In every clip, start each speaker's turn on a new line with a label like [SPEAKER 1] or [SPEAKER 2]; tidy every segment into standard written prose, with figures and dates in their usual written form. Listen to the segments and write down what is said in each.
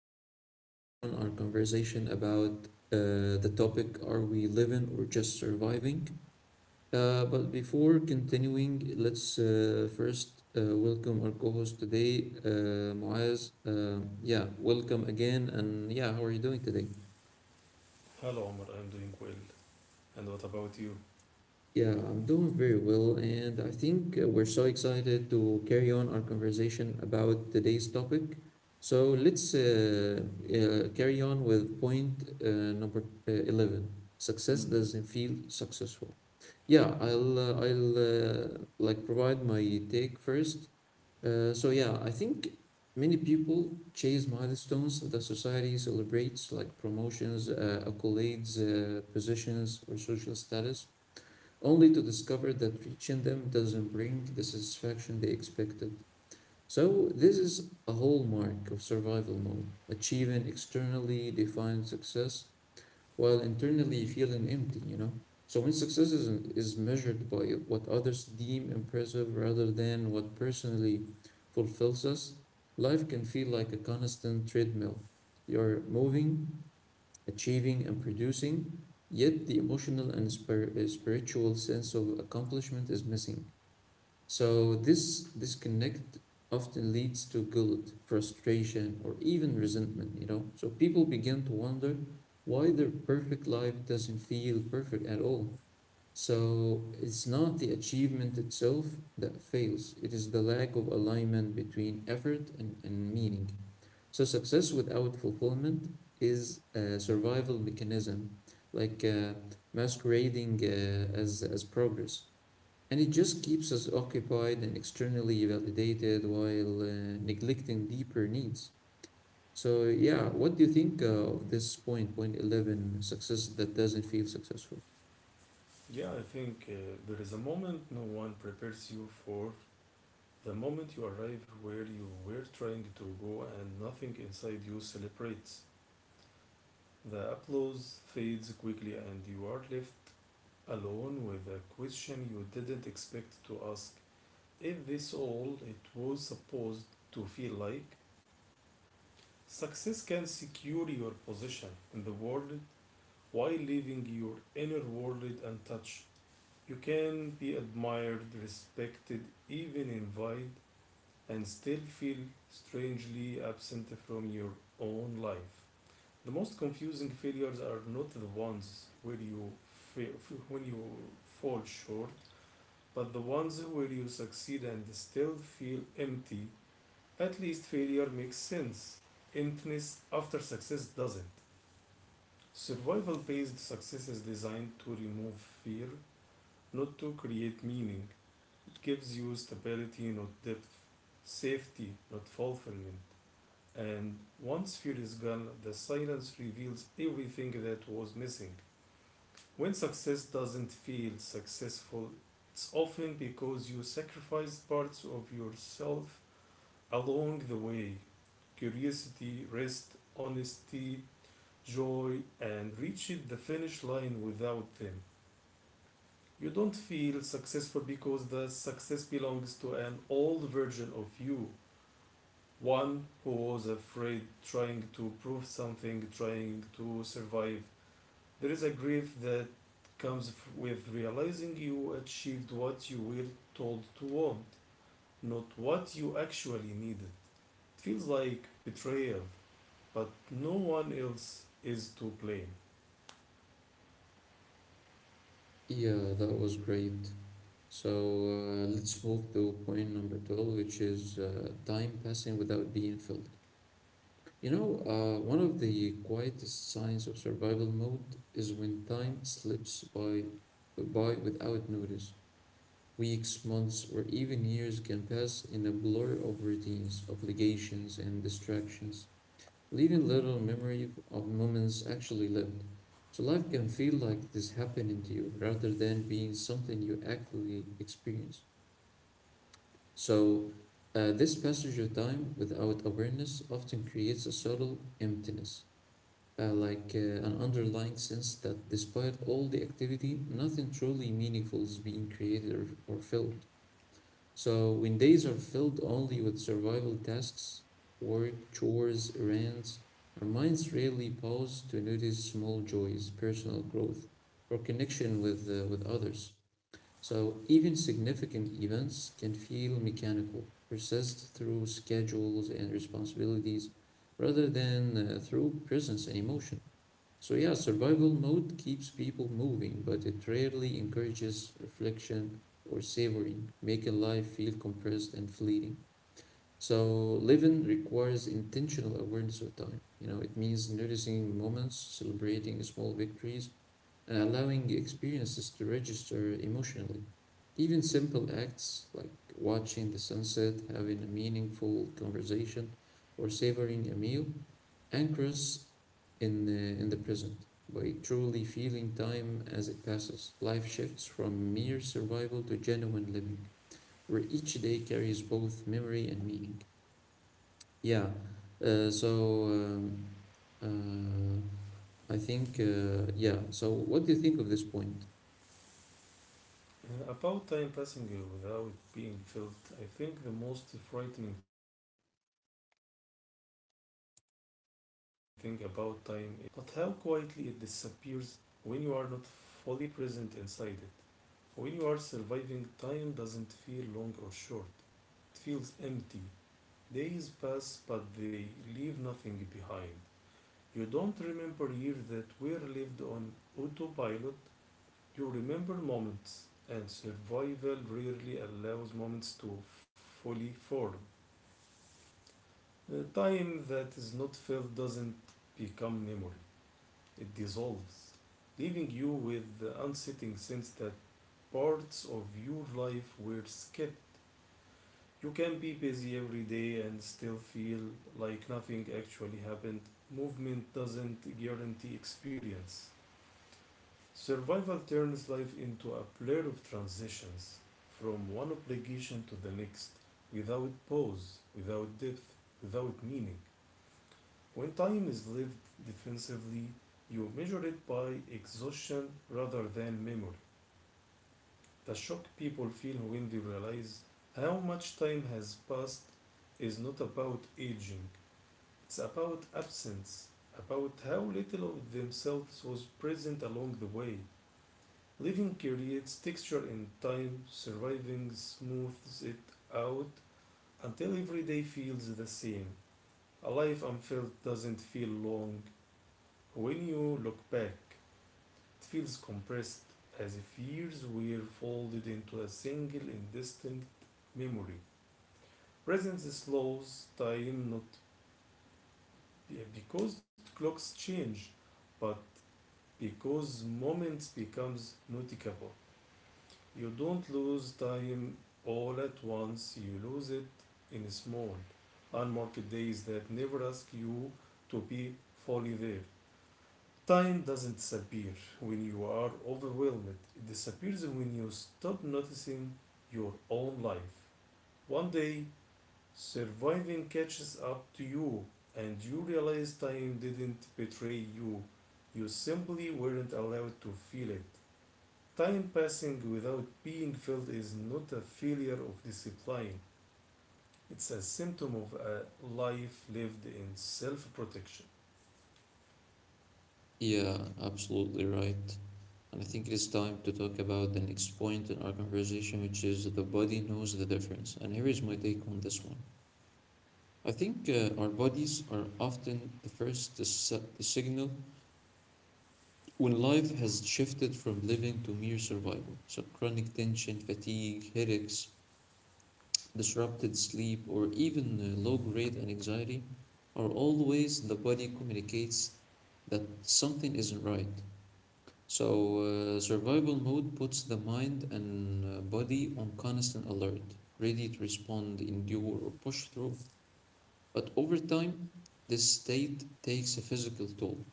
[SPEAKER 1] going to carry on our conversation about the topic, are we living or just surviving? But before continuing, let's first welcome our co host today, Muaz. Yeah, welcome again. And yeah, how are you doing today?
[SPEAKER 2] Hello, Omar. I'm doing well. And what about you?
[SPEAKER 1] Yeah, I'm doing very well, and I think we're so excited to carry on our conversation about today's topic. So let's carry on with point number 11. Success
[SPEAKER 2] Mm.
[SPEAKER 1] doesn't feel successful. Yeah, I'll like provide my take first. So yeah, I think many people chase milestones that society celebrates, like promotions, accolades, positions, or social status, only to discover that reaching them doesn't bring the satisfaction they expected. So this is a hallmark of survival mode, achieving externally defined success while internally feeling empty, So when success is measured by what others deem impressive rather than what personally fulfills us, life can feel like a constant treadmill. You're moving, achieving, and producing, yet the emotional and spiritual sense of accomplishment is missing. So this disconnect often leads to guilt, frustration, or even resentment. So people begin to wonder why their perfect life doesn't feel perfect at all. So it's not the achievement itself that fails, it is the lack of alignment between effort and meaning. So success without fulfillment is a survival mechanism, like masquerading as progress. And it just keeps us occupied and externally validated while neglecting deeper needs. So, yeah, what do you think of this point, point 11, success that doesn't feel successful?
[SPEAKER 2] Yeah, I think there is a moment no one prepares you for. The moment you arrive where you were trying to go and nothing inside you celebrates. The applause fades quickly and you are left alone with a question you didn't expect to ask. Is this all it was supposed to feel like? Success can secure your position in the world while leaving your inner world untouched. You can be admired, respected, even envied, and still feel strangely absent from your own life. The most confusing failures are not the ones where you fail, when you fall short, but the ones where you succeed and still feel empty. At least failure makes sense. Emptiness after success doesn't. Survival based success is designed to remove fear, not to create meaning. It gives you stability, not depth, safety, not fulfillment. And once fear is gone, the silence reveals everything that was missing. When success doesn't feel successful, it's often because you sacrificed parts of yourself along the way: curiosity, rest, honesty, joy, and reached the finish line without them. You don't feel successful because the success belongs to an old version of you, one who was afraid, trying to prove something, trying to survive. There is a grief that comes with realizing you achieved what you were told to want, not what you actually needed. It feels like betrayal, but no one else is to blame.
[SPEAKER 1] Yeah, that was great. So let's move to point number 12, which is time passing without being filled. You know, one of the quietest signs of survival mode is when time slips by without notice. Weeks, months, or even years can pass in a blur of routines, obligations, and distractions, leaving little memory of moments actually lived. So life can feel like this happening to you rather than being something you actually experience. So this passage of time without awareness often creates a subtle emptiness, like an underlying sense that despite all the activity, nothing truly meaningful is being created or filled. So when days are filled only with survival tasks, work, chores, errands, our minds rarely pause to notice small joys, personal growth, or connection with others. So even significant events can feel mechanical, persist through schedules and responsibilities rather than through presence and emotion. So, yeah, survival mode keeps people moving, but it rarely encourages reflection or savoring, making life feel compressed and fleeting. So living requires intentional awareness of time. You know, it means noticing moments, celebrating small victories, and allowing experiences to register emotionally. Even simple acts like watching the sunset, having a meaningful conversation, or savoring a meal anchors in the present. By truly feeling time as it passes, life shifts from mere survival to genuine living, where each day carries both memory and meaning. Yeah. Uh, so um, uh, I think yeah. So what do you think of this point?
[SPEAKER 2] About time passing without being felt, I think the most frightening thing about time, but how quietly it disappears when you are not fully present inside it. When you are surviving, time doesn't feel long or short, it feels empty. Days pass, but they leave nothing behind. You don't remember years that were lived on autopilot, you remember moments, and survival rarely allows moments to fully form. The time that is not filled doesn't become memory. It dissolves, leaving you with the unsettling sense that parts of your life were skipped. You can be busy every day and still feel like nothing actually happened. Movement doesn't guarantee experience. Survival turns life into a blur of transitions from one obligation to the next, without pause, without depth, without meaning. When time is lived defensively, you measure it by exhaustion rather than memory. The shock people feel when they realize how much time has passed is not about aging, it's about absence, about how little of themselves was present along the way. Living creates texture in time, surviving smooths it out until every day feels the same. A life unfilled doesn't feel long. When you look back, it feels compressed, as if years were folded into a single indistinct memory. Presence slows time not because clocks change, but because moments becomes noticeable. You don't lose time all at once, you lose it in small, unmarked days that never ask you to be fully there. Time doesn't disappear when you are overwhelmed. It disappears when you stop noticing your own life. One day, surviving catches up to you, and you realize time didn't betray you. You simply weren't allowed to feel it. Time passing without being felt is not a failure of discipline, it's a symptom of a life lived in self protection.
[SPEAKER 1] Yeah, absolutely right. And I think it is time to talk about the next point in our conversation, which is the body knows the difference. And here is my take on this one. I think our bodies are often the first to, to signal when life has shifted from living to mere survival. So chronic tension, fatigue, headaches, disrupted sleep, or even low grade anxiety are all ways the body communicates that something isn't right. So, survival mode puts the mind and body on constant alert, ready to respond, endure, or push through. But over time, this state takes a physical toll.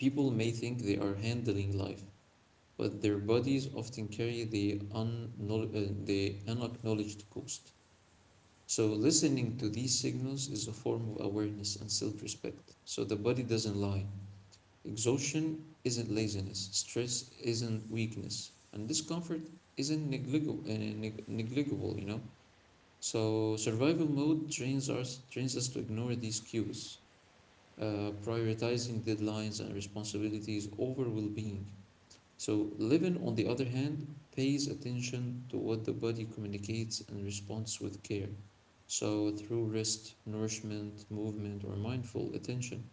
[SPEAKER 1] People may think they are handling life, but their bodies often carry the, the unacknowledged cost. So listening to these signals is a form of awareness and self respect. So the body doesn't lie. Exhaustion isn't laziness, stress isn't weakness, and discomfort isn't negligible, negligible, you know? So survival mode trains us to ignore these cues, prioritizing deadlines and responsibilities over well being. So Levin, on the other hand, pays attention to what the body communicates and responds with care, so through rest, nourishment, movement, or mindful attention.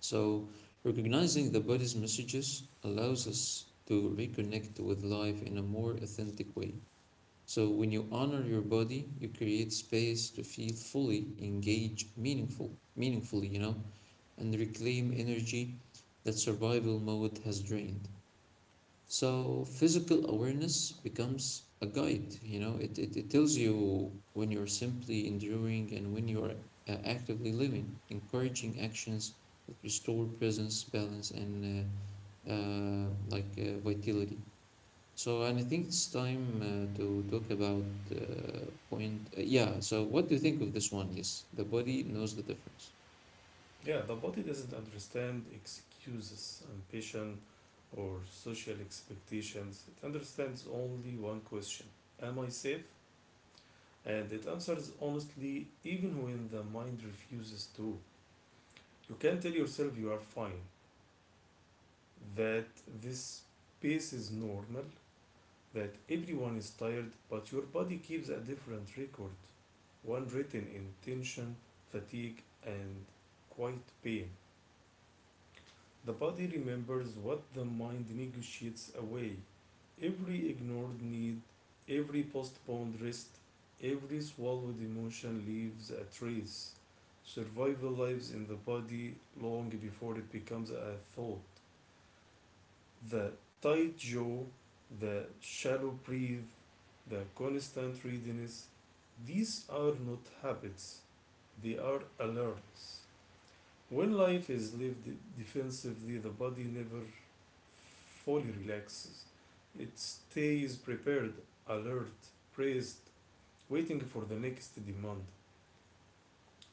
[SPEAKER 1] So recognizing the body's messages allows us to reconnect with life in a more authentic way. So when you honor your body, you create space to feel fully engage meaningful, meaningfully, you know, and reclaim energy that survival mode has drained. So physical awareness becomes a guide, you know, it tells you when you're simply enduring and when you're actively living, encouraging actions that restore presence, balance, and vitality. So, and I think it's time to talk about point. Yeah, so what do you think of this one? Yes, the body knows the difference.
[SPEAKER 2] Yeah, the body doesn't understand excuses, ambition, or social expectations. It understands only one question: am I safe? And it answers honestly even when the mind refuses to. You can tell yourself you are fine, that this pace is normal, that everyone is tired, but your body keeps a different record, one written in tension, fatigue, and quiet pain. The body remembers what the mind negotiates away. Every ignored need, every postponed rest, every swallowed emotion leaves a trace. Survival lives in the body long before it becomes a thought. The tight jaw, the shallow breath, the constant readiness, these are not habits, they are alerts. When life is lived defensively, the body never fully relaxes. It stays prepared, alert, braced, waiting for the next demand.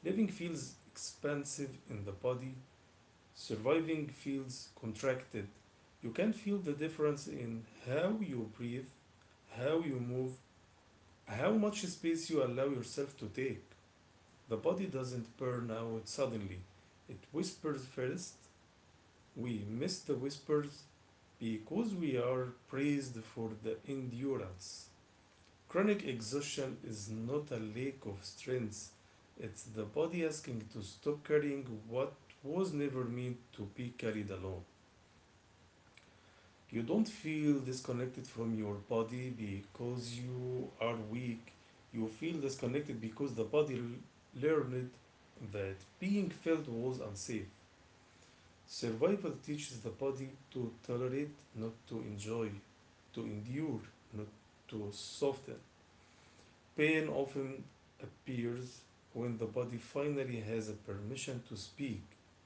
[SPEAKER 2] Living feels expansive in the body, surviving feels contracted. You can feel the difference in how you breathe, how you move, how much space you allow yourself to take. The body doesn't burn out suddenly, it whispers first. We miss the whispers because we are praised for the endurance. Chronic exhaustion is not a lack of strength, it's the body asking to stop carrying what was never meant to be carried alone. You don't feel disconnected from your body because you are weak. You feel disconnected because the body learned that being felt was unsafe. Survival teaches the body to tolerate, not to enjoy, to endure, not to soften. Pain often appears when the body finally has a permission to speak,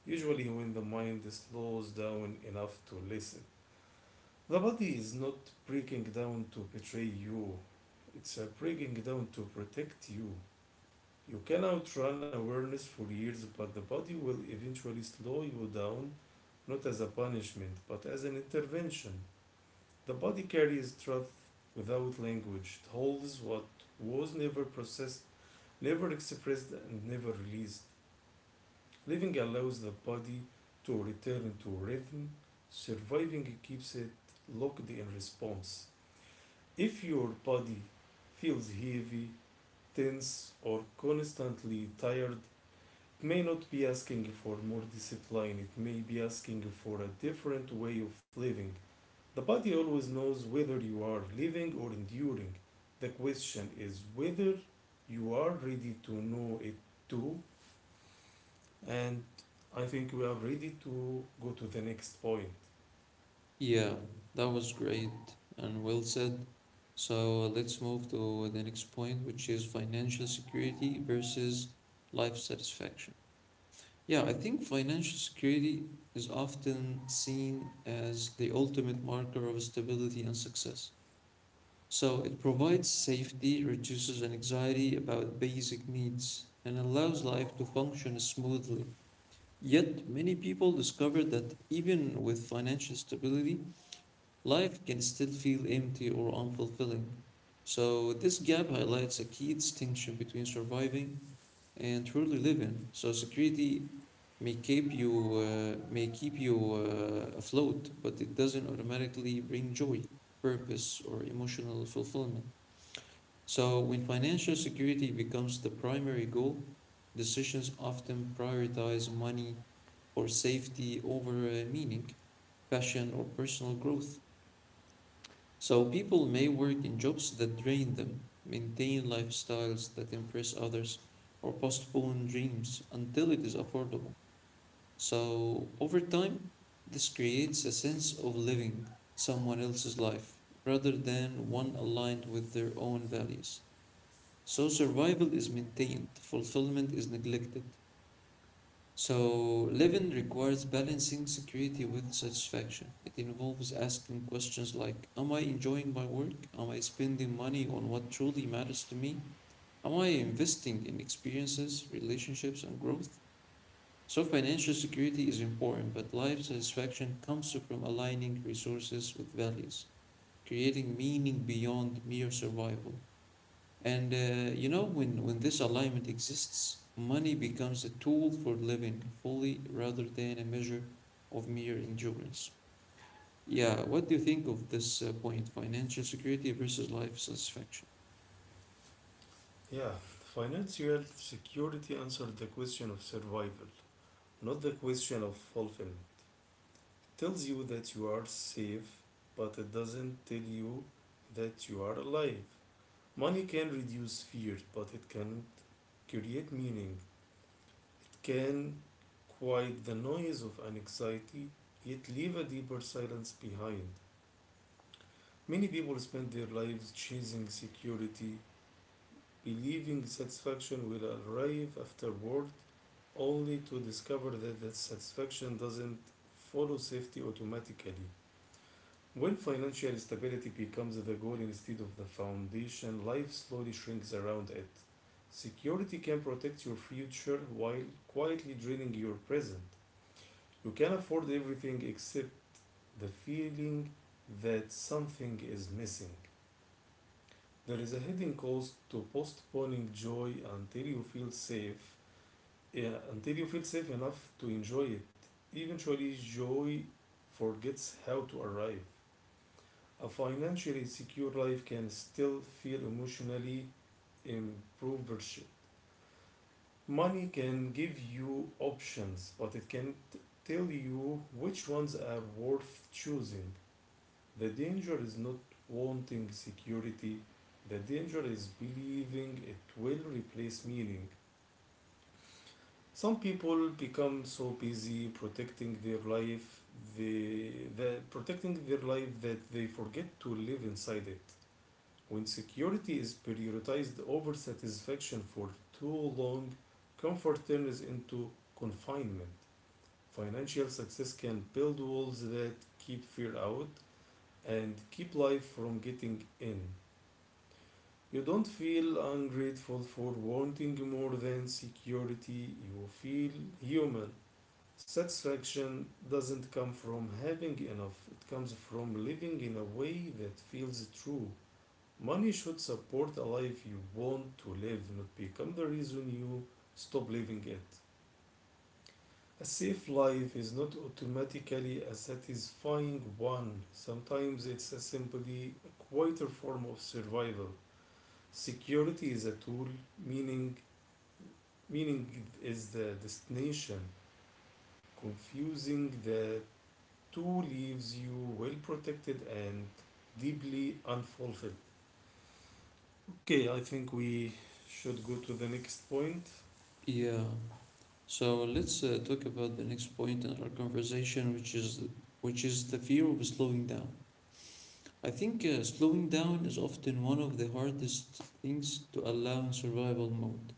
[SPEAKER 2] usually when the mind slows down enough to listen. The body is not breaking down to betray you, it's breaking down to protect you. You can outrun awareness for years, but the body will eventually slow you down, not as a punishment, but as an intervention. The body carries truth without language. It holds what was never processed, never expressed, and never released. Living allows the body to return to rhythm, surviving keeps it locked in response. If your body feels heavy, tense, or constantly tired, it may not be asking for more discipline, it may be asking for a different way of living. The body always knows whether you are living or enduring. The question is whether you are ready to know it too. And I think we are ready to go to the next point.
[SPEAKER 1] Yeah, that was great and well said. So let's move to the next point, which is financial security versus life satisfaction. Yeah, I think financial security is often seen as the ultimate marker of stability and success. So it provides safety, reduces anxiety about basic needs, and allows life to function smoothly. Yet many people discover that even with financial stability, life can still feel empty or unfulfilling. So this gap highlights a key distinction between surviving and truly living. So security may keep you afloat, but it doesn't automatically bring joy, purpose, or emotional fulfillment. So when financial security becomes the primary goal, decisions often prioritize money or safety over meaning, passion, or personal growth. So people may work in jobs that drain them, maintain lifestyles that impress others, or postpone dreams until it is affordable. So over time, this creates a sense of living someone else's life rather than one aligned with their own values. So survival is maintained, fulfillment is neglected. So living requires balancing security with satisfaction. It involves asking questions like, am I enjoying my work? Am I spending money on what truly matters to me? Am I investing in experiences, relationships, and growth? So financial security is important, but life satisfaction comes from aligning resources with values, creating meaning beyond mere survival. And you know, when this alignment exists, money becomes a tool for living fully rather than a measure of mere endurance. Yeah, what do you think of this point, financial security versus life satisfaction?
[SPEAKER 2] Yeah, financial security answered the question of survival, not the question of fulfillment. Tells you that you are safe, but it doesn't tell you that you are alive. Money can reduce fear, but it can not create meaning. It can quiet the noise of anxiety, yet leave a deeper silence behind. Many people spend their lives chasing security, believing satisfaction will arrive afterward, only to discover that that satisfaction doesn't follow safety automatically. When financial stability becomes the goal instead of the foundation, life slowly shrinks around it. Security can protect your future while quietly draining your present. You can afford everything except the feeling that something is missing. There is a hidden cost to postponing joy until you feel safe, yeah, until you feel safe enough to enjoy it. Eventually, joy forgets how to arrive. A financially secure life can still feel emotionally impoverished. Money can give you options, but it can tell you which ones are worth choosing. The danger is not wanting security, the danger is believing it will replace meaning. Some people become so busy protecting their life, they, protecting their life that they forget to live inside it. When security is prioritized over satisfaction for too long, comfort turns into confinement. Financial success can build walls that keep fear out and keep life from getting in. You don't feel ungrateful for wanting more than security, you feel human. Satisfaction doesn't come from having enough, it comes from living in a way that feels true. Money should support a life you want to live, not become the reason you stop living it. A safe life is not automatically a satisfying one. Sometimes it's a simply a quieter form of survival. Security is a tool, meaning meaning is the destination. Confusing the two leaves you well protected and deeply unfulfilled. Okay, I think we should go to the next point.
[SPEAKER 1] Yeah, so let's talk about the next point in our conversation, which is the fear of slowing down. I think slowing down is often one of the hardest things to allow in survival mode.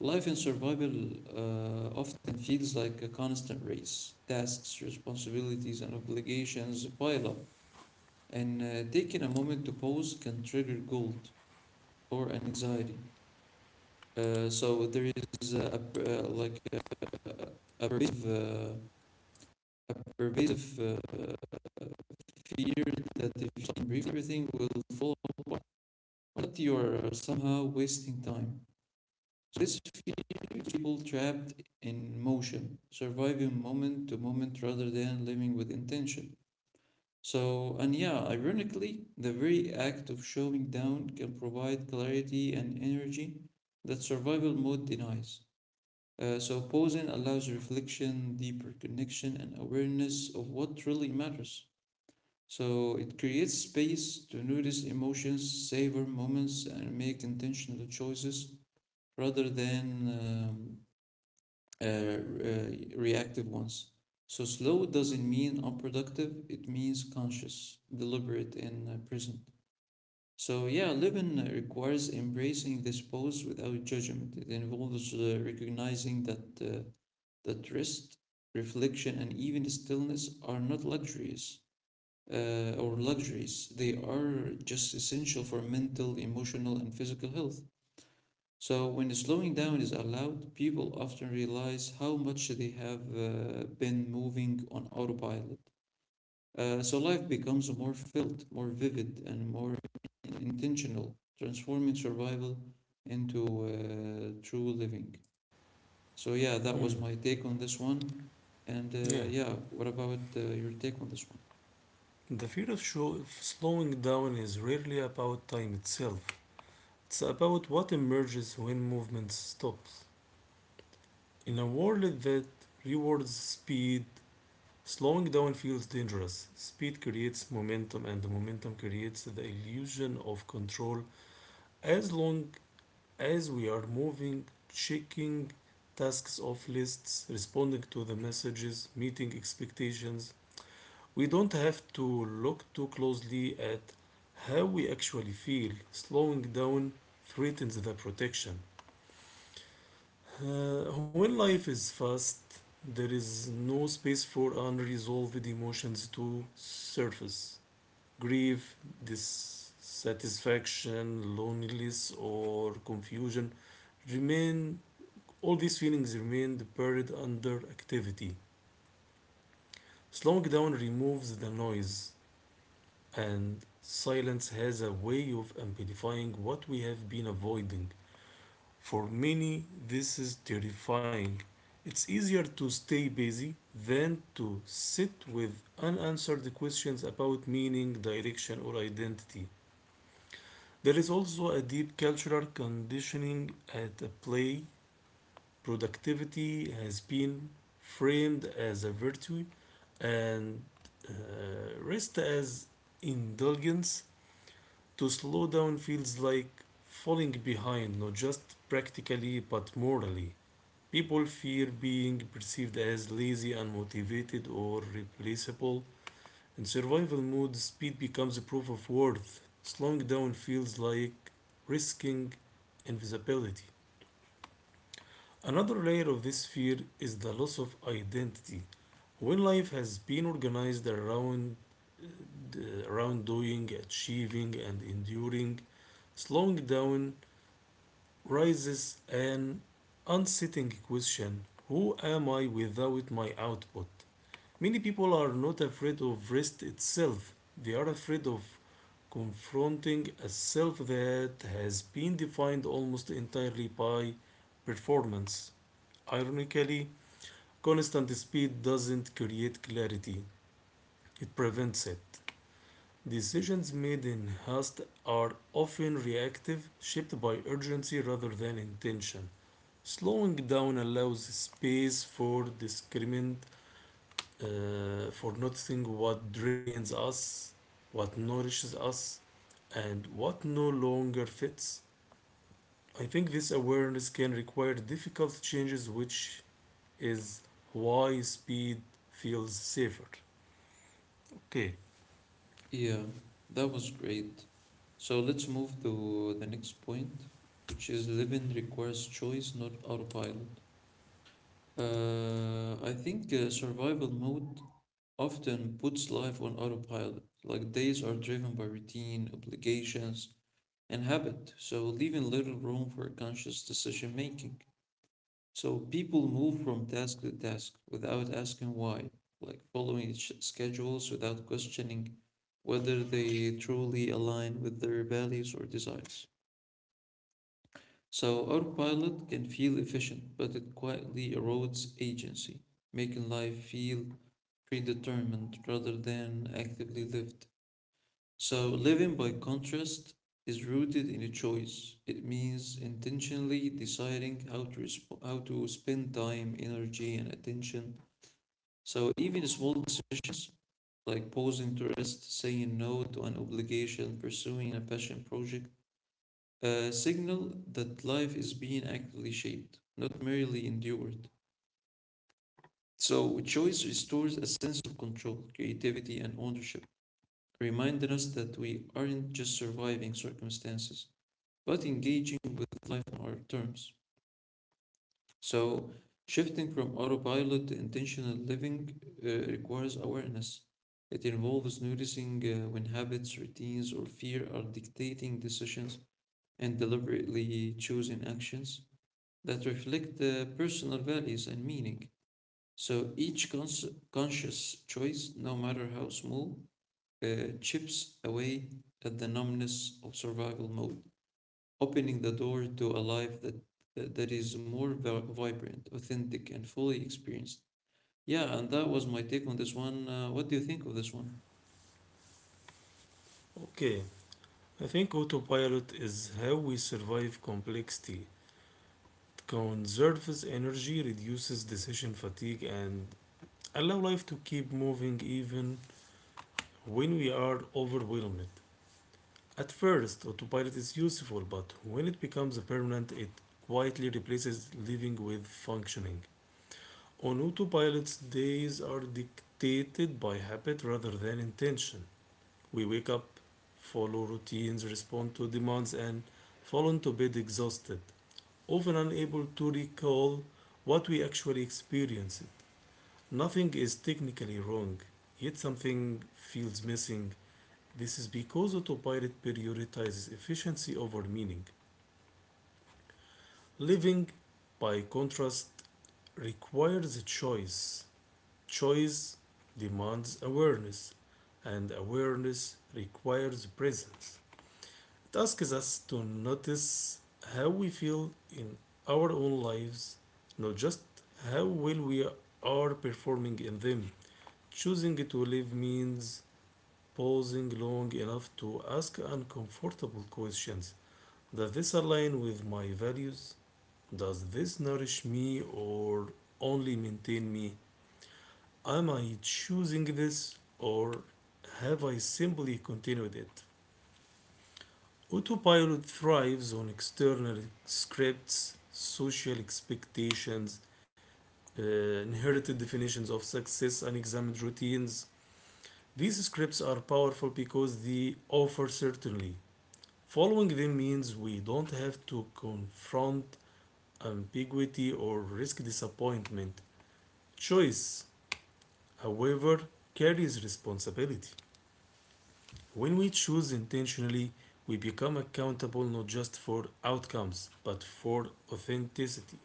[SPEAKER 1] Life in survival often feels like a constant race. Tasks, responsibilities, and obligations pile up, and taking a moment to pause can trigger guilt or anxiety. So there is a like a- a pervasive, uh, a pervasive fear that if you don't brief, everything will fall apart, but you are somehow wasting time. So this people trapped in motion, surviving moment to moment rather than living with intention. So, and yeah, ironically, the very act of showing down can provide clarity and energy that survival mode denies. So pausing allows reflection, deeper connection, and awareness of what truly matters. So it creates space to notice emotions, savor moments, and make intentional choices rather than um, uh, reactive ones. So slow doesn't mean unproductive, it means conscious, deliberate, and present. So, yeah, living requires embracing this pose without judgment. It involves recognizing that, that rest, reflection, and even stillness are not luxuries or luxuries. They are just essential for mental, emotional, and physical health. So when slowing down is allowed, people often realize how much they have been moving on autopilot. So life becomes more filled, more vivid, and more intentional, transforming survival into true living. So, yeah, that
[SPEAKER 2] Hmm.
[SPEAKER 1] was my take on this one. And
[SPEAKER 2] Yeah,
[SPEAKER 1] yeah, what about your take on this one?
[SPEAKER 2] the fear of, slowing down is rarely about time itself. It's about what emerges when movement stops. In a world that rewards speed, slowing down feels dangerous. Speed creates momentum, and the momentum creates the illusion of control. As long as we are moving, checking tasks off lists, responding to the messages, meeting expectations, we don't have to look too closely at how we actually feel. Slowing down threatens the protection. When life is fast, there is no space for unresolved emotions to surface. Grief, dissatisfaction, loneliness, or confusion remain, all these feelings remain buried under activity. Slowing down removes the noise and silence has a way of amplifying what we have been avoiding. For many, this is terrifying. It's easier to stay busy than to sit with unanswered questions about meaning, direction, or identity. There is also a deep cultural conditioning at play. Productivity has been framed as a virtue and rest as indulgence. To slow down feels like falling behind, not just practically but morally. People fear being perceived as lazy, unmotivated, or replaceable. In survival mode, speed becomes a proof of worth. Slowing down feels like risking invisibility. Another layer of this fear is the loss of identity. When life has been organized around uh, around doing, achieving, and enduring, slowing down raises an unsettling question: who am I without my output? Many people are not afraid of rest itself, they are afraid of confronting a self that has been defined almost entirely by performance. Ironically, constant speed doesn't create clarity, it prevents it. Decisions made in haste are often reactive, shaped by urgency rather than intention. Slowing down allows space for discernment, for noticing what drains us, what nourishes us, and what no longer fits. I think this awareness can require difficult changes, which is why speed feels safer. Okay,
[SPEAKER 1] Yeah, that was great. So let's move to the next point, which is living requires choice, not autopilot. I think survival mode often puts life on autopilot, like days are driven by routine, obligations, and habit, so leaving little room for conscious decision making. So people move from task to task without asking why, like following schedules without questioning whether they truly align with their values or desires. So our pilot can feel efficient, but it quietly erodes agency, making life feel predetermined rather than actively lived. So living, by contrast, is rooted in a choice. It means intentionally deciding how to how to spend time, energy, and attention. So even small decisions like pausing to rest, saying no to an obligation, pursuing a passion project a signal that life is being actively shaped, not merely endured. So, choice restores a sense of control, creativity, and ownership, reminding us that we aren't just surviving circumstances, but engaging with life on our terms. So, shifting from autopilot to intentional living requires awareness. It involves noticing when habits, routines, or fear are dictating decisions and deliberately choosing actions that reflect the personal values and meaning. So conscious choice, no matter how small, chips away at the numbness of survival mode, opening the door to a life that is more vibrant, authentic, and fully experienced. Yeah, and that was my take on this one. What do you think of this one?
[SPEAKER 2] okay. I think autopilot is how we survive complexity. It conserves energy, reduces decision fatigue, and allows life to keep moving even when we are overwhelmed. At first, autopilot is useful, but when it becomes permanent, it quietly replaces living with functioning. On autopilot's days are dictated by habit rather than intention. We wake up, follow routines, respond to demands, and fall into bed exhausted, often unable to recall what we actually experienced. Nothing is technically wrong, yet something feels missing. This is because autopilot prioritizes efficiency over meaning. Living, by contrast, requires a choice. Choice demands awareness, and awareness requires presence. It asks us to notice how we feel in our own lives, not just how well we are performing in them. Choosing to live means pausing long enough to ask uncomfortable questions. Does this align with my values? Does this nourish me or only maintain me? Am I choosing this or have I simply continued it? Autopilot thrives on external scripts, social expectations, inherited definitions of success, and examined routines. These scripts are powerful because they offer certainty. Following them means we don't have to confront ambiguity or risk disappointment. Choice, however, carries responsibility. When we choose intentionally, we become accountable not just for outcomes, but for authenticity.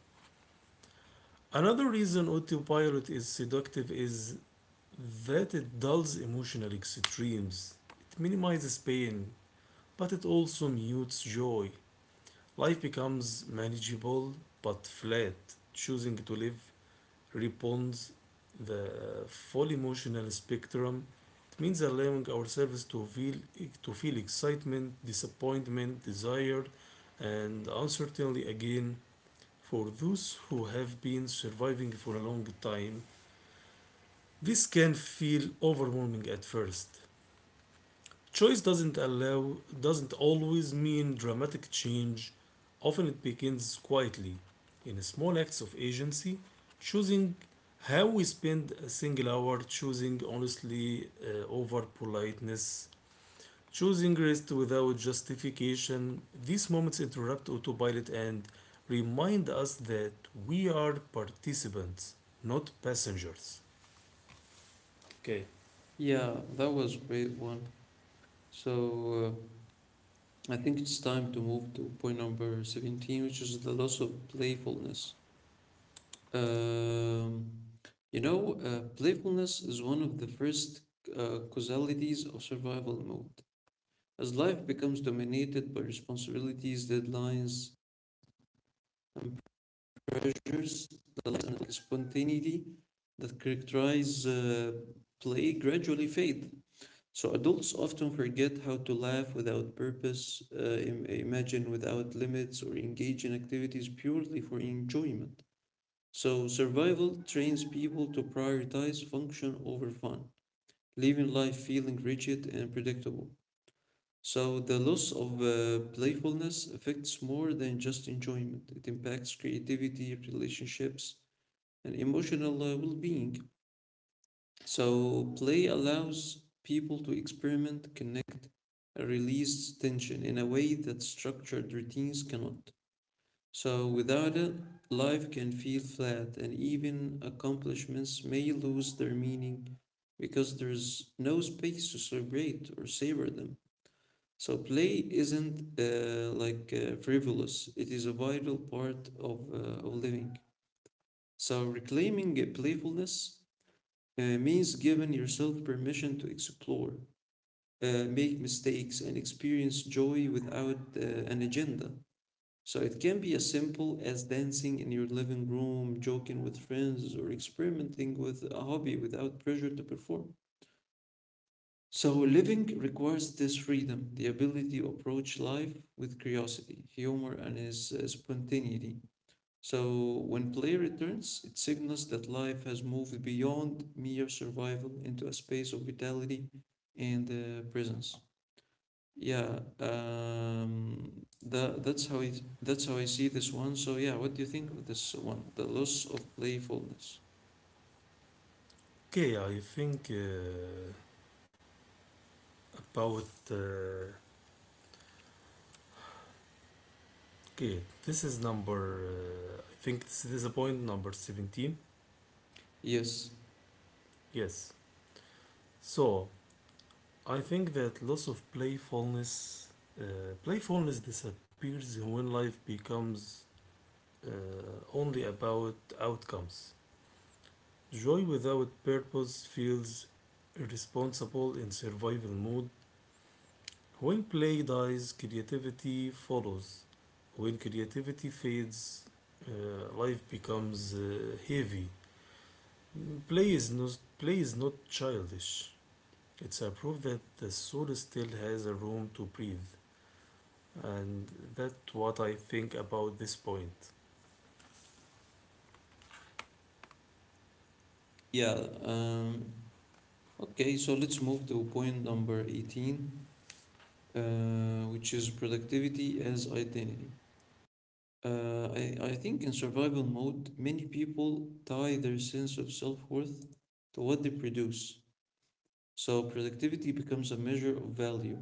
[SPEAKER 2] Another reason autopilot is seductive is that it dulls emotional extremes. It minimizes pain, but it also mutes joy. Life becomes manageable but flat. Choosing to live responds the full emotional spectrum. It means allowing ourselves to feel excitement, disappointment, desire, and uncertainty again for those who have been surviving for a long time. This can feel overwhelming at first. Choice doesn't allow doesn't always mean dramatic change. Often it begins quietly, in small acts of agency, choosing how we spend a single hour, choosing honestly over politeness, choosing rest without justification. These moments interrupt autopilot and remind us that we are participants, not passengers. Okay.
[SPEAKER 1] Yeah, that was a great one. So I think it's time to move to point number 17, which is the loss of playfulness. Um, Playfulness is one of the first causalities of survival mode. As life becomes dominated by responsibilities, deadlines, and pressures, the light and spontaneity that characterize play gradually fade. So adults often forget how to laugh without purpose, imagine without limits, or engage in activities purely for enjoyment. So, survival trains people to prioritize function over fun, leaving life feeling rigid and predictable. So, the loss of playfulness affects more than just enjoyment, it impacts creativity, relationships, and emotional well being. So, play allows people to experiment, connect, and release tension in a way that structured routines cannot. So without it, life can feel flat, and even accomplishments may lose their meaning because there's no space to celebrate or savor them. So play isn't like frivolous; it is a vital part of living. So reclaiming a playfulness means giving yourself permission to explore, make mistakes, and experience joy without an agenda. So it can be as simple as dancing in your living room, joking with friends, or experimenting with a hobby without pressure to perform. So living requires this freedom, the ability to approach life with curiosity, humor, and is spontaneity. So when play returns, it signals that life has moved beyond mere survival into a space of vitality and presence. Yeah, that that's how it. That's how I see this one. So yeah, what do you think of this one? The loss of playfulness.
[SPEAKER 2] Okay, I think about uh, Okay, this is I think this is the point number 17.
[SPEAKER 1] Yes.
[SPEAKER 2] Yes. So, I think that loss of playfulness, playfulness disappears when life becomes uh, only about outcomes. Joy without purpose feels irresponsible in survival mode. When play dies, creativity follows. When creativity fades, uh, life becomes heavy. Play is not childish. It's a proof that the soul still has a room to breathe, and that's what I think about this point.
[SPEAKER 1] Yeah. Um, okay. So let's move to point number 18, which is productivity as identity. I think in survival mode, many people tie their sense of self worth to what they produce. So productivity becomes a measure of value.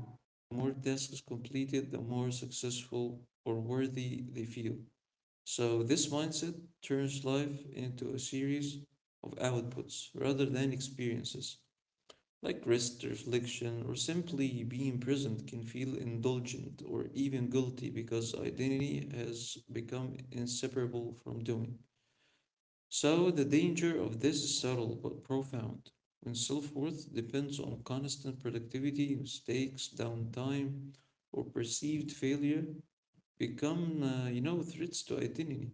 [SPEAKER 1] The more tasks completed, the more successful or worthy they feel. So this mindset turns life into a series of outputs rather than experiences. Like rest, reflection, or simply being present can feel indulgent or even guilty because identity has become inseparable from doing. So the danger of this is subtle but profound. When self-worth depends on constant productivity, mistakes, downtime, or perceived failure become, threats to identity.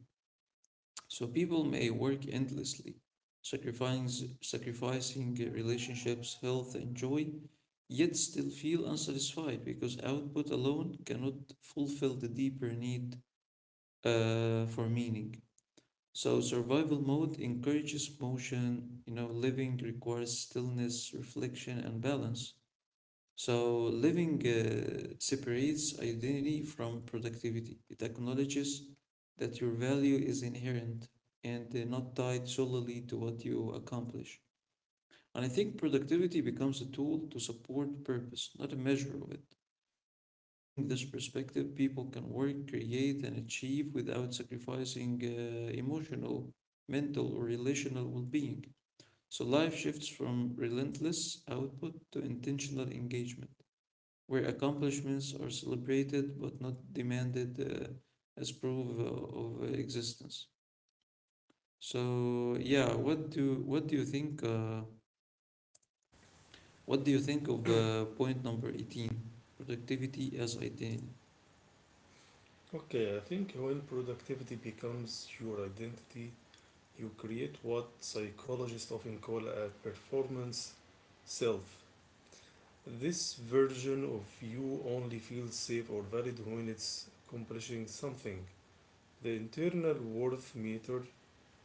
[SPEAKER 1] So people may work endlessly, sacrificing relationships, health, and joy, yet still feel unsatisfied because output alone cannot fulfill the deeper need for meaning. So survival mode encourages motion, you know, living requires stillness, reflection, and balance. So living separates identity from productivity. It acknowledges that your value is inherent and not tied solely to what you accomplish. And I think productivity becomes a tool to support purpose, not a measure of it. By reclaiming this perspective, people can work, create, and achieve without sacrificing emotional, mental, or relational well being. So life shifts from relentless output to intentional engagement, where accomplishments are celebrated but not demanded as proof of existence. So yeah, what do you think? What do you think of point number 18? Productivity as identity.
[SPEAKER 2] Okay, I think when productivity becomes your identity, you create what psychologists often call a performance self. This version of you only feels safe or valid when it's accomplishing something. The internal worth meter.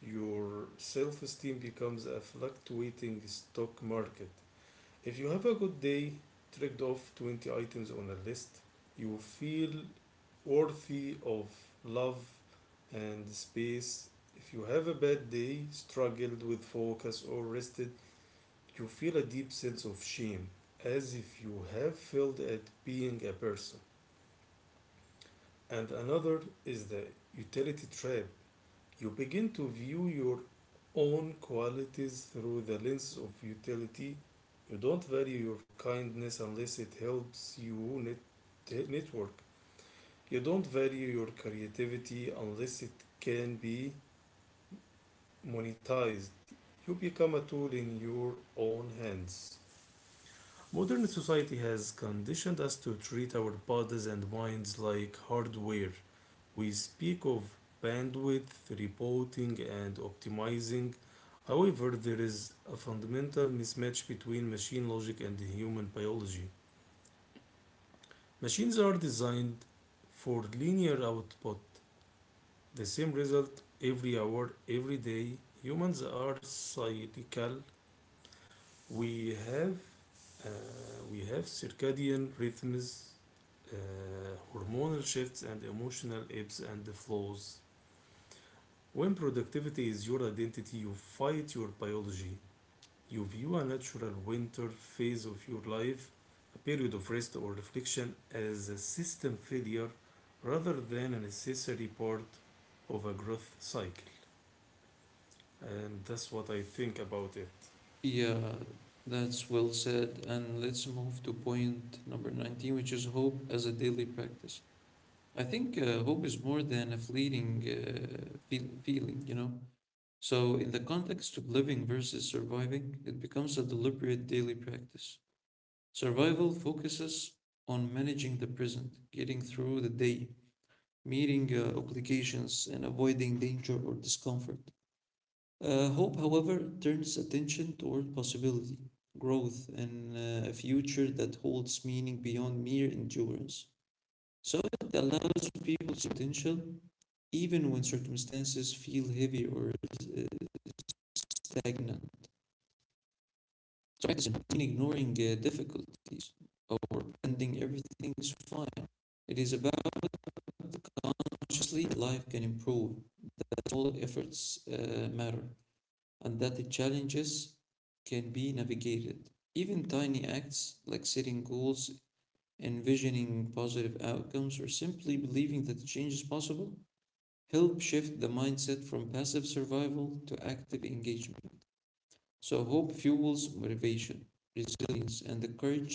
[SPEAKER 2] Your self esteem becomes a fluctuating stock market. If you have a good day, ticked off 20 items on a list, you feel worthy of love and space. If you have a bad day, struggled with focus, or rested, you feel a deep sense of shame, as if you have failed at being a person. And another is the utility trap. You begin to view your own qualities through the lens of utility. You don't value your kindness unless it helps you net- network. You don't value your creativity unless it can be monetized. You become a tool in your own hands. Modern society has conditioned us to treat our bodies and minds like hardware. We speak of bandwidth, reporting, and optimizing. However, there is a fundamental mismatch between machine logic and human biology. Machines are designed for linear output, the same result every hour, every day. Humans are cyclical. We have uh, we have circadian rhythms, uh, hormonal shifts, and emotional ebbs and flows. When productivity is your identity, you fight your biology. You view a natural winter phase of your life, a period of rest or reflection, as a system failure rather than a necessary part of a growth cycle. And that's what I think about it.
[SPEAKER 1] Yeah, that's well said. And let's move to point number 19, which is hope as a daily practice. I think hope is more than a fleeting feeling, you know? So, in the context of living versus surviving, it becomes a deliberate daily practice. Survival focuses on managing the present, getting through the day, meeting obligations, and avoiding danger or discomfort. Hope, however, turns attention toward possibility, growth, and a future that holds meaning beyond mere endurance. So it allows people to potential even when circumstances feel heavy or uh, stagnant. So it doesn't mean ignoring difficulties or pretending everything is fine. It is about how consciously life can improve. That all efforts matter. And that the challenges can be navigated. Even tiny acts like setting goals, envisioning positive outcomes, or simply believing that change is possible help shift the mindset from passive survival to active engagement. So, hope fuels motivation, resilience, and the courage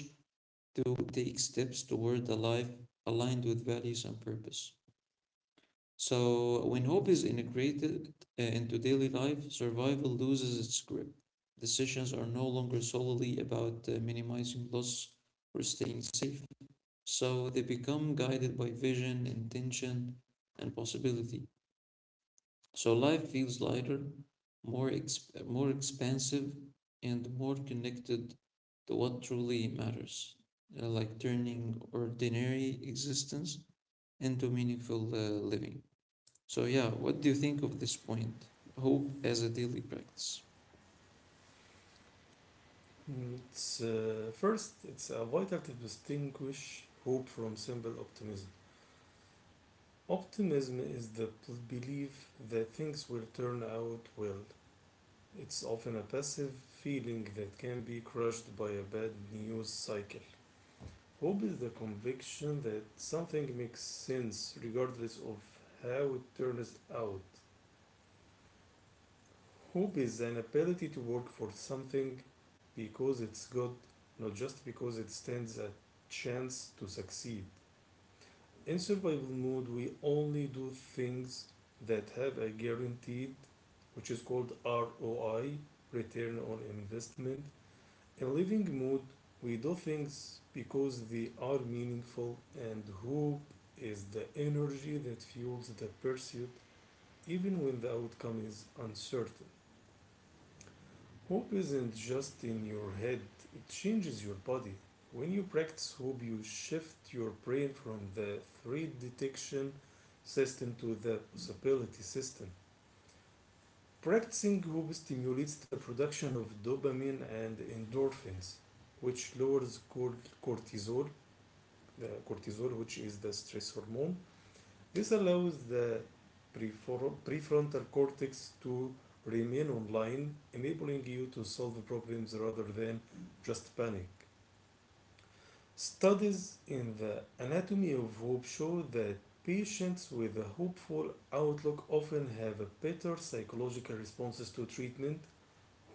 [SPEAKER 1] to take steps toward a life aligned with values and purpose. So, when hope is integrated into daily life, survival loses its grip. Decisions are no longer solely about minimizing loss or staying safe. So, they become guided by vision, intention, and possibility. So, life feels lighter, more expansive, and more connected to what truly matters, like turning ordinary existence into meaningful living. So, yeah, what do you think of this point? Hope as a daily practice.
[SPEAKER 2] Mm, first, it's vital to distinguish hope from simple optimism. Optimism is the belief that things will turn out well. It's often a passive feeling that can be crushed by a bad news cycle. Hope is the conviction that something makes sense regardless of how it turns out. Hope is an ability to work for something because it's good, not just because it stands a chance to succeed. In survival mode, we only do things that have a guaranteed, which is called ROI, return on investment. In living mood, we do things because they are meaningful, and hope is the energy that fuels the pursuit even when the outcome is uncertain. Hope isn't just in your head, it changes your body. When you practice hope, you shift your brain from the threat detection system to the possibility system. Practicing hope stimulates the production of dopamine and endorphins, which lowers cortisol the cortisol, which is the stress hormone. This allows the prefrontal cortex to remain online, enabling you to solve problems rather than just panic. Studies in the anatomy of hope show that patients with a hopeful outlook often have better psychological responses to treatment.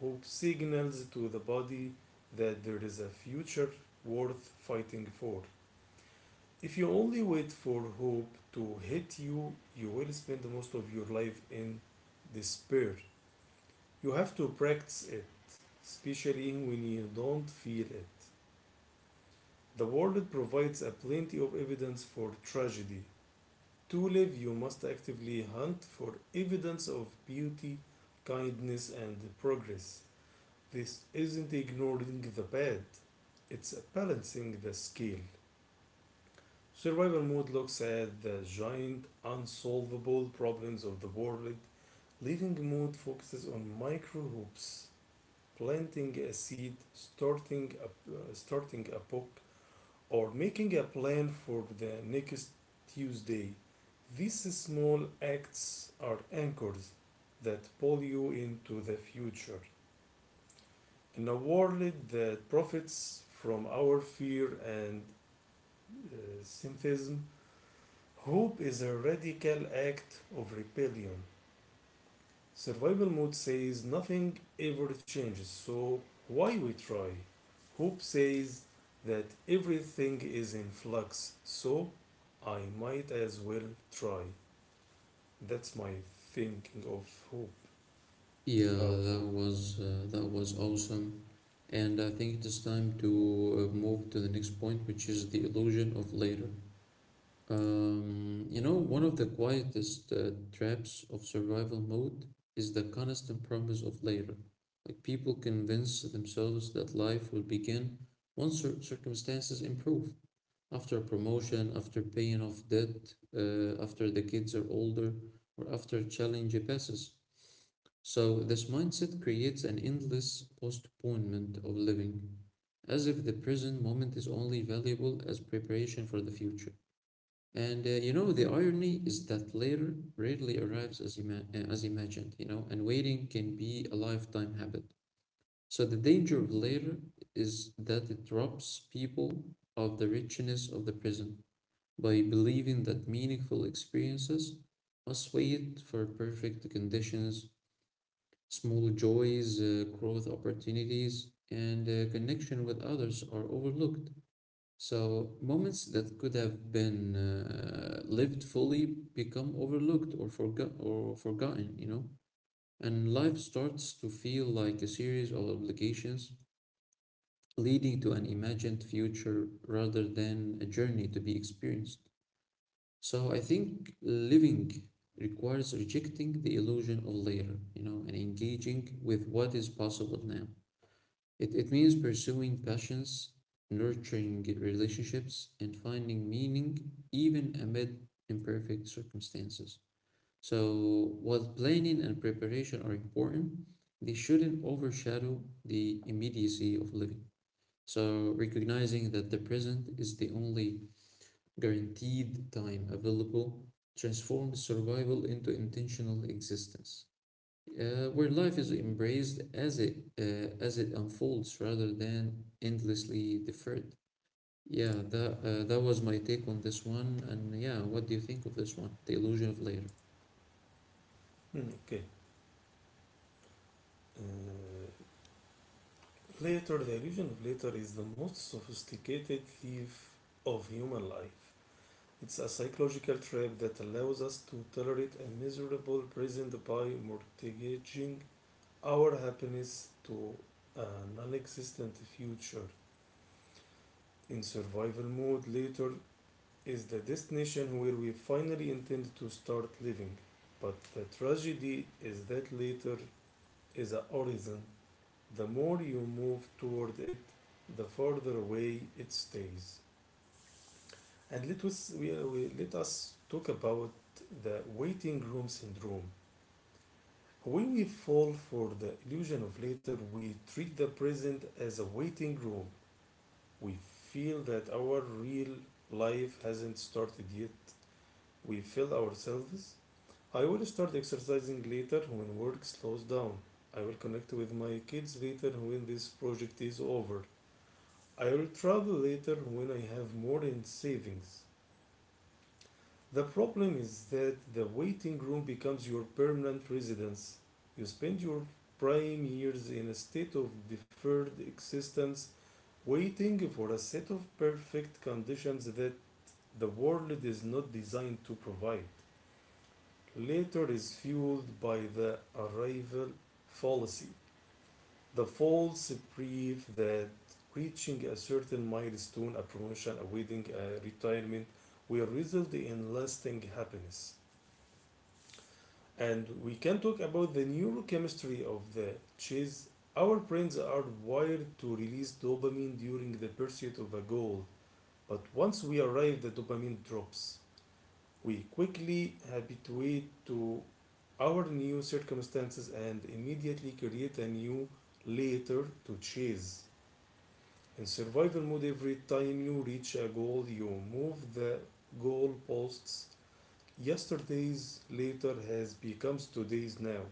[SPEAKER 2] Hope signals to the body that there is a future worth fighting for. If you only wait for hope to hit you, you will spend most of your life in despair. You have to practice it, especially when you don't feel it. The world provides a plenty of evidence for tragedy. To live, you must actively hunt for evidence of beauty, kindness, and progress. This isn't ignoring the bad, it's balancing the scale. Survival mode looks at the giant unsolvable problems of the world. Living mode focuses on micro hoops, planting a seed, starting a book, or making a plan for the next Tuesday. These small acts are anchors that pull you into the future. In a world that profits from our fear and uh, cynicism, hope is a radical act of rebellion. Survival mode says nothing ever changes, so why we try? Hope says that everything is in flux, so I might as well try. That's my thinking of hope.
[SPEAKER 1] Yeah,
[SPEAKER 2] About hope.
[SPEAKER 1] that was awesome, and I think it is time to move to the next point, which is the illusion of later. You know, one of the quietest traps of survival mode is the constant promise of later. Like people convince themselves that life will begin once circumstances improve, after promotion, after paying off debt, after the kids are older, or after a challenge passes. So this mindset creates an endless postponement of living, as if the present moment is only valuable as preparation for the future. And the irony is that later rarely arrives as, as imagined, you know, and waiting can be a lifetime habit. So the danger of later is that it robs people of the richness of the present by believing that meaningful experiences must wait for perfect conditions, small joys, growth opportunities, and connection with others are overlooked. So, moments that could have been lived fully become overlooked or, forgotten, you know? And life starts to feel like a series of obligations leading to an imagined future rather than a journey to be experienced. So I think living requires rejecting the illusion of later, you know, and engaging with what is possible now. It means pursuing passions, nurturing relationships, and finding meaning even amid imperfect circumstances. So while planning and preparation are important, they shouldn't overshadow the immediacy of living. So recognizing that the present is the only guaranteed time available transforms survival into intentional existence, where life is embraced as it unfolds rather than endlessly deferred. Yeah, that was my take on this one. And yeah, what do you think of this one? The illusion of layer.
[SPEAKER 2] Hmm, okay. Uh, Later, the illusion of later is the most sophisticated thief of human life. It's a psychological trap that allows us to tolerate a miserable present by mortgaging our happiness to a non existent future. In survival mode, later is the destination where we finally intend to start living. But the tragedy is that later is a horizon. The more you move toward it, the farther away it stays. And let us talk about the waiting room syndrome. When we fall for the illusion of later, we treat the present as a waiting room. We feel that our real life hasn't started yet. We feel ourselves. I will start exercising later when work slows down. I will connect with my kids later when this project is over. I will travel later when I have more in savings. The problem is that the waiting room becomes your permanent residence. You spend your prime years in a state of deferred existence, waiting for a set of perfect conditions that the world is not designed to provide. Later is fueled by the arrival fallacy, the false belief that reaching a certain milestone, a promotion, a wedding, a retirement, will result in lasting happiness. And we can talk about the neurochemistry of the chase. Our brains are wired to release dopamine during the pursuit of a goal, but once we arrive, the dopamine drops. We quickly habituate to our new circumstances and immediately create a new later to chase. In survival mode, every time you reach a goal, you move the goalposts. Yesterday's later has becomes today's now.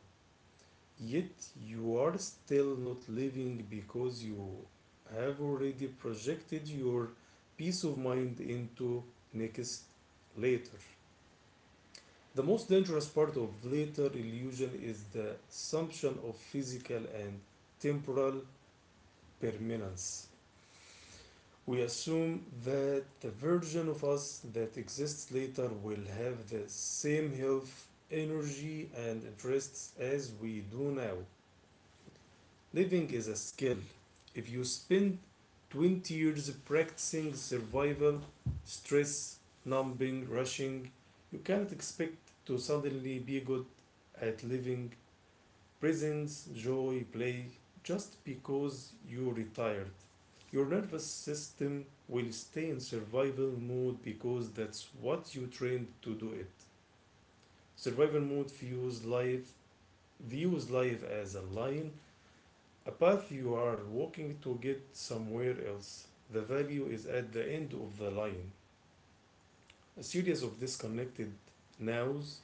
[SPEAKER 2] Yet you are still not living because you have already projected your peace of mind into next later. The most dangerous part of later illusion is the assumption of physical and temporal permanence. We assume that the version of us that exists later will have the same health, energy, and interests as we do now. Living is a skill. If you spend 20 years practicing survival, stress, numbing, rushing, you cannot expect to suddenly be good at living presence, joy, play just because you retired. Your nervous system will stay in survival mode because that's what you trained to do it. Survival mode views life Views life as a line, a path you are walking to get somewhere else. The value is at the end of the line. A series of disconnected nows.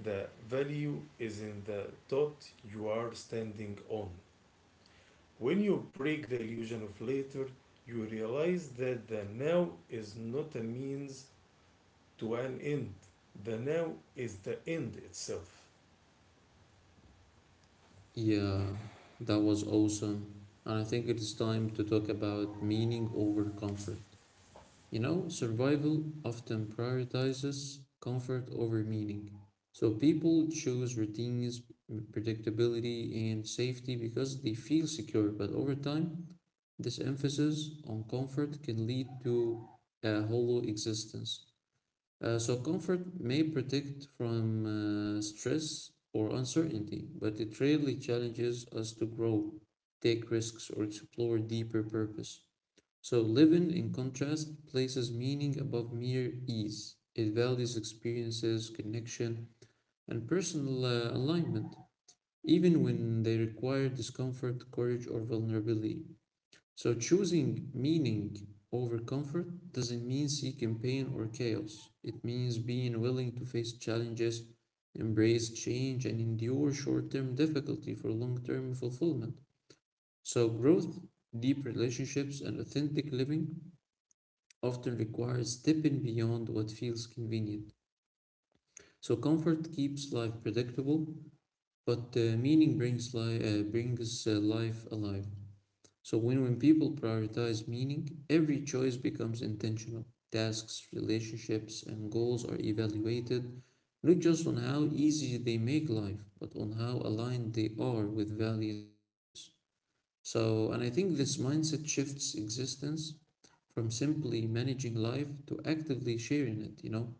[SPEAKER 2] The value is in the dot you are standing on. When you break the illusion of later, you realize that the now is not a means to an end. The now is the end itself.
[SPEAKER 1] Yeah, that was awesome. And I think it is time to talk about meaning over comfort. You know, survival often prioritizes comfort over meaning. So people choose routines, predictability, and safety because they feel secure. But over time, this emphasis on comfort can lead to a hollow existence. So, comfort may protect from stress or uncertainty, but it rarely challenges us to grow, take risks, or explore deeper purpose. So, living, in contrast, places meaning above mere ease. It values experiences, connection, and personal alignment, even when they require discomfort, courage, or vulnerability. So, choosing meaning over comfort doesn't mean seeking pain or chaos. It means being willing to face challenges, embrace change, and endure short term difficulty for long term fulfillment. So, growth, deep relationships, and authentic living often requires stepping beyond what feels convenient. So comfort keeps life predictable, but meaning brings life alive. So when people prioritize meaning, every choice becomes intentional. Tasks, relationships, and goals are evaluated not just on how easy they make life, but on how aligned they are with values and purpose. So, and I think this mindset shifts existence from simply managing life to actively sharing it, you know.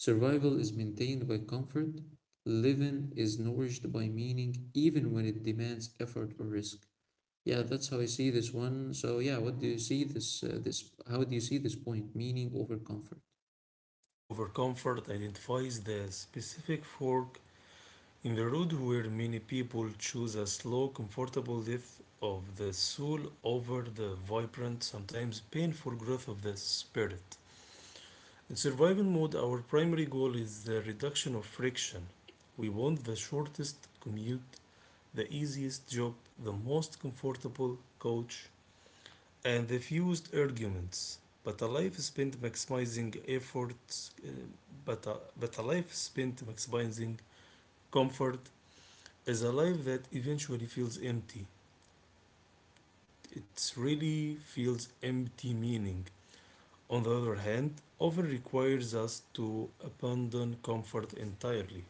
[SPEAKER 1] Survival is maintained by comfort, living is nourished by meaning, even when it demands effort or risk. Yeah, that's how I see this one. So, yeah, what do you see this how do you see this point, meaning over comfort?
[SPEAKER 2] Overcomfort identifies the specific fork in the road where many people choose a slow, comfortable death of the soul over the vibrant, sometimes painful growth of the spirit. In survival mode, our primary goal is the reduction of friction. We want the shortest commute, the easiest job, the most comfortable coach, and the fewest arguments. But a life spent maximizing efforts, but a life spent maximizing comfort is a life that eventually feels empty. It really feels empty meaning. On the other hand, often requires us to abandon comfort entirely.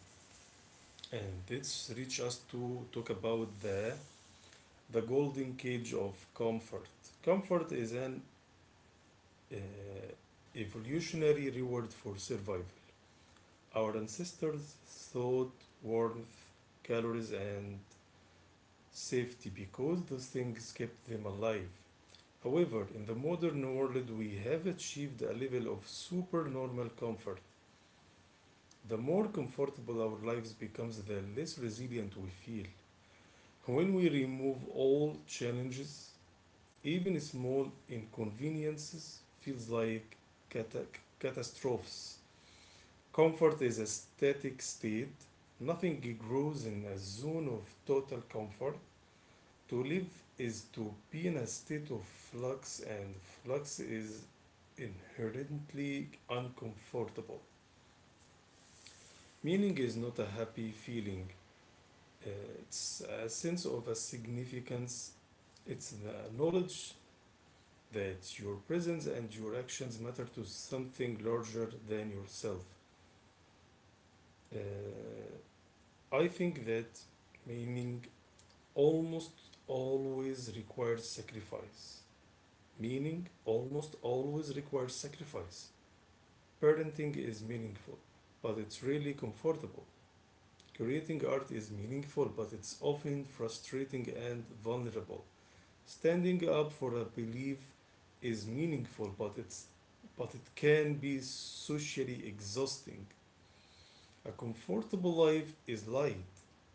[SPEAKER 2] And this reaches us to talk about the golden cage of comfort. Comfort is an uh, evolutionary reward for survival. Our ancestors thought warmth, calories, and safety because those things kept them alive. However, in the modern world, we have achieved a level of supernormal comfort. The more comfortable our lives becomes, the less resilient we feel. When we remove all challenges, even small inconveniences feels like cata- catastrophes. Comfort is a static state. Nothing grows in a zone of total comfort. To live is to be in a state of flux, and flux is inherently uncomfortable. Meaning is not a happy feeling, uh, it's a sense of a significance, it's the knowledge that your presence and your actions matter to something larger than yourself. Uh, I think that meaning almost always requires sacrifice. Meaning almost always requires sacrifice. Parenting is meaningful, but it's really comfortable. Creating art is meaningful, but it's often frustrating and vulnerable. Standing up for a belief is meaningful, but it can be socially exhausting. A comfortable life is light,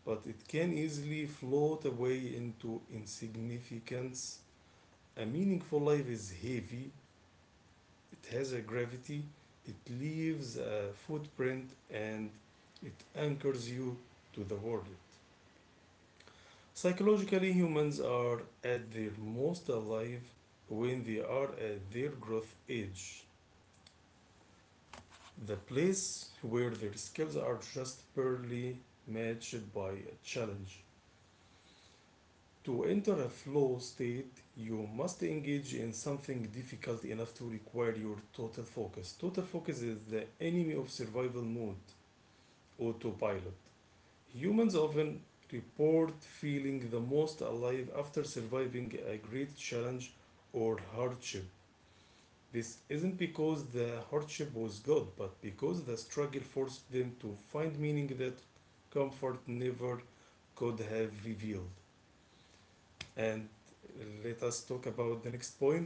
[SPEAKER 2] but it can easily float away into insignificance. A meaningful life is heavy, it has a gravity, it leaves a footprint, and it anchors you to the world. Psychologically, humans are at their most alive when they are at their growth age, the place where their skills are just barely matched by a challenge. To enter a flow state, you must engage in something difficult enough to require your total focus. Total focus is the enemy of survival mode. Autopilot. Humans often report feeling the most alive after surviving a great challenge or hardship. This isn't because the hardship was good, but because the struggle forced them to find meaning that comfort never could have revealed. And let us talk about the next point.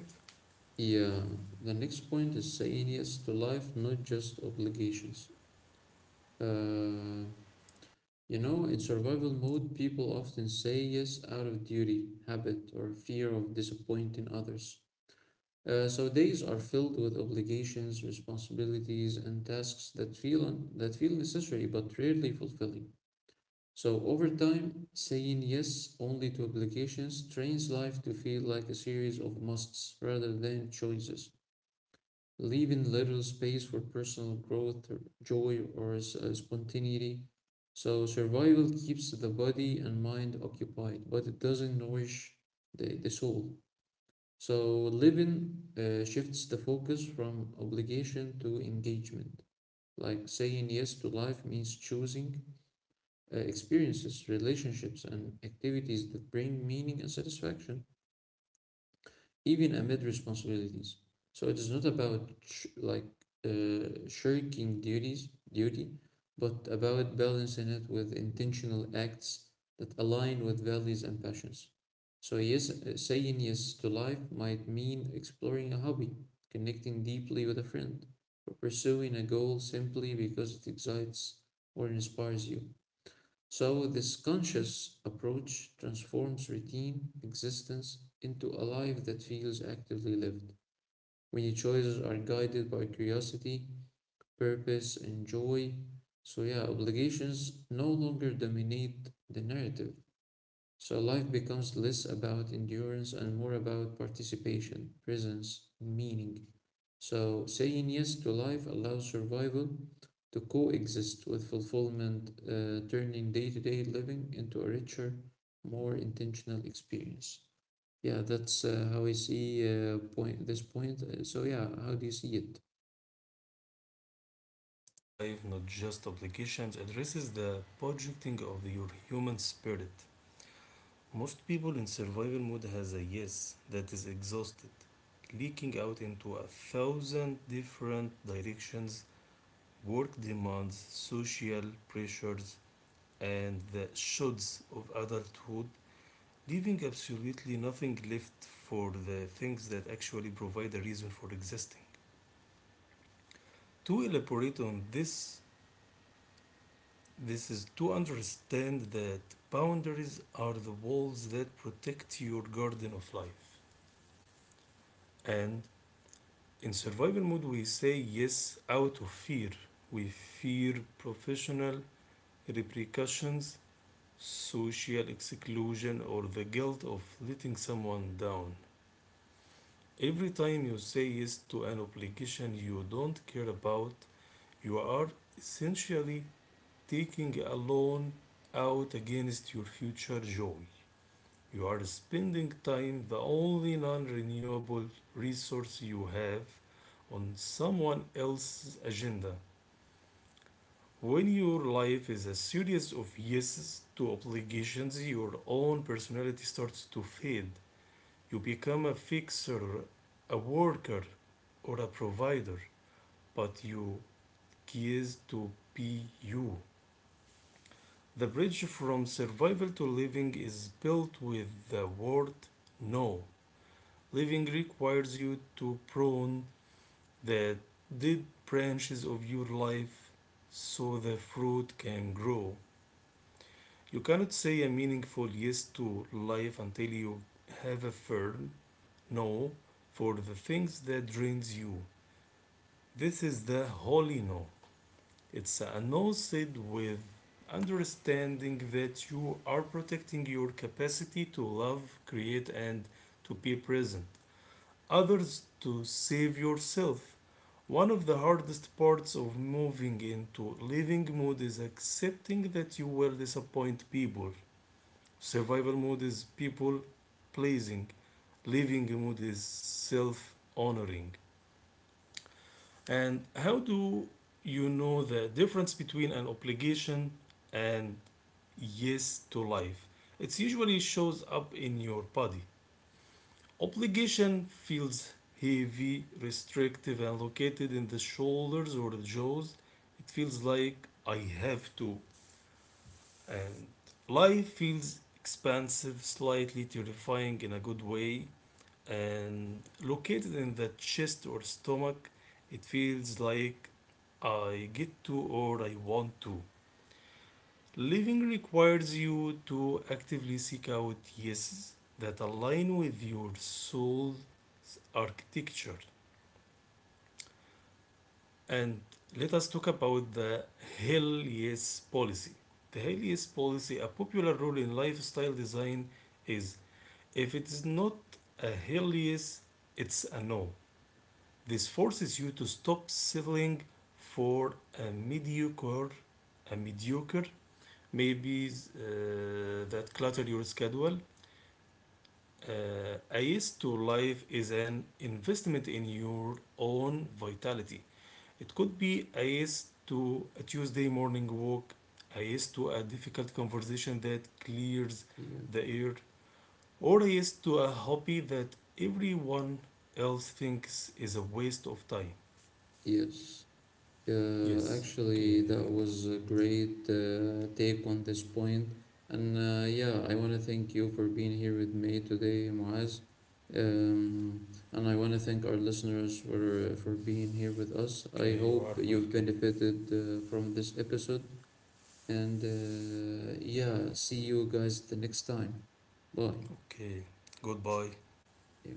[SPEAKER 1] Yeah, the next point is saying yes to life, not just obligations. Uh, You know, in survival mode, people often say yes out of duty, habit, or fear of disappointing others. So days are filled with obligations, responsibilities, and tasks that feel necessary but rarely fulfilling. So over time, saying yes only to obligations trains life to feel like a series of musts rather than choices leaving little space for personal growth, joy, or spontaneity. So survival keeps the body and mind occupied, but it doesn't nourish the soul. So living shifts the focus from obligation to engagement. Like saying yes to life means choosing experiences, relationships, and activities that bring meaning and satisfaction even amid responsibilities. So it is not about shirking duties, duty, but about balancing it with intentional acts that align with values and passions. So yes, saying yes to life might mean exploring a hobby, connecting deeply with a friend, or pursuing a goal simply because it excites or inspires you. So, this conscious approach transforms routine existence into a life that feels actively lived. When your choices are guided by curiosity, purpose, and joy, so yeah, obligations no longer dominate the narrative. So, life becomes less about endurance and more about participation, presence, and meaning. So, saying yes to life allows survival to coexist with fulfillment, turning day to day living into a richer, more intentional experience. Yeah, that's how I see point this point. So, yeah, how do you see it?
[SPEAKER 2] Life, not just obligations, addresses the projecting of your human spirit. Most people in survival mode has a yes that is exhausted, leaking out into a thousand different directions, work demands, social pressures, and the shoulds of adulthood, leaving absolutely nothing left for the things that actually provide a reason for existing. To elaborate on this, this is to understand that boundaries are the walls that protect your garden of life. And in survival mode we say yes out of fear. We fear professional repercussions, social exclusion, or the guilt of letting someone down. Every time you say yes to an obligation you don't care about, you are essentially taking a loan out against your future joy. You are spending time, the only non renewable resource you have, on someone else's agenda. When your life is a series of yeses to obligations, your own personality starts to fade. You become a fixer, a worker, or a provider, but you cease to be you. The bridge from survival to living is built with the word no. Living requires you to prune the dead branches of your life so the fruit can grow. You cannot say a meaningful yes to life until you have a firm no for the things that drains you. This is the holy no. It's a no said with understanding that you are protecting your capacity to love, create, and to be present. Others to save yourself. One of the hardest parts of moving into living mode is accepting that you will disappoint people. Survival mode is people pleasing, living mode is self honoring. And how do you know the difference between an obligation and yes to life? It usually shows up in your body. Obligation feels heavy, restrictive, and located in the shoulders or the jaws. It feels like I have to. And life feels expansive, slightly terrifying in a good way. And located in the chest or stomach, it feels like I get to or I want to. Living requires you to actively seek out yeses that align with your soul's architecture. And let us talk about the Hell Yes policy. The Hell Yes policy, a popular rule in lifestyle design, is if it is not a hell yes, it's a no. This forces you to stop settling for a mediocre, maybe that clutter your schedule. A yes to life is an investment in your own vitality. It could be a yes to a Tuesday morning walk, a yes to a difficult conversation that clears
[SPEAKER 1] Yeah.
[SPEAKER 2] the air, or a yes to a hobby that everyone else thinks is a waste of time.
[SPEAKER 1] Yes.
[SPEAKER 2] Yes, okay,
[SPEAKER 1] Actually,
[SPEAKER 2] I
[SPEAKER 1] that
[SPEAKER 2] think.
[SPEAKER 1] was a great take on this point. And yeah, I want to thank you for being here with me today, Muaz. And I want to thank our listeners for being here with us. I
[SPEAKER 2] Okay, you
[SPEAKER 1] hope
[SPEAKER 2] are
[SPEAKER 1] you've
[SPEAKER 2] welcome.
[SPEAKER 1] benefited from this episode. And yeah, see you guys the next time. Bye.
[SPEAKER 2] Okay, goodbye.
[SPEAKER 1] Yeah.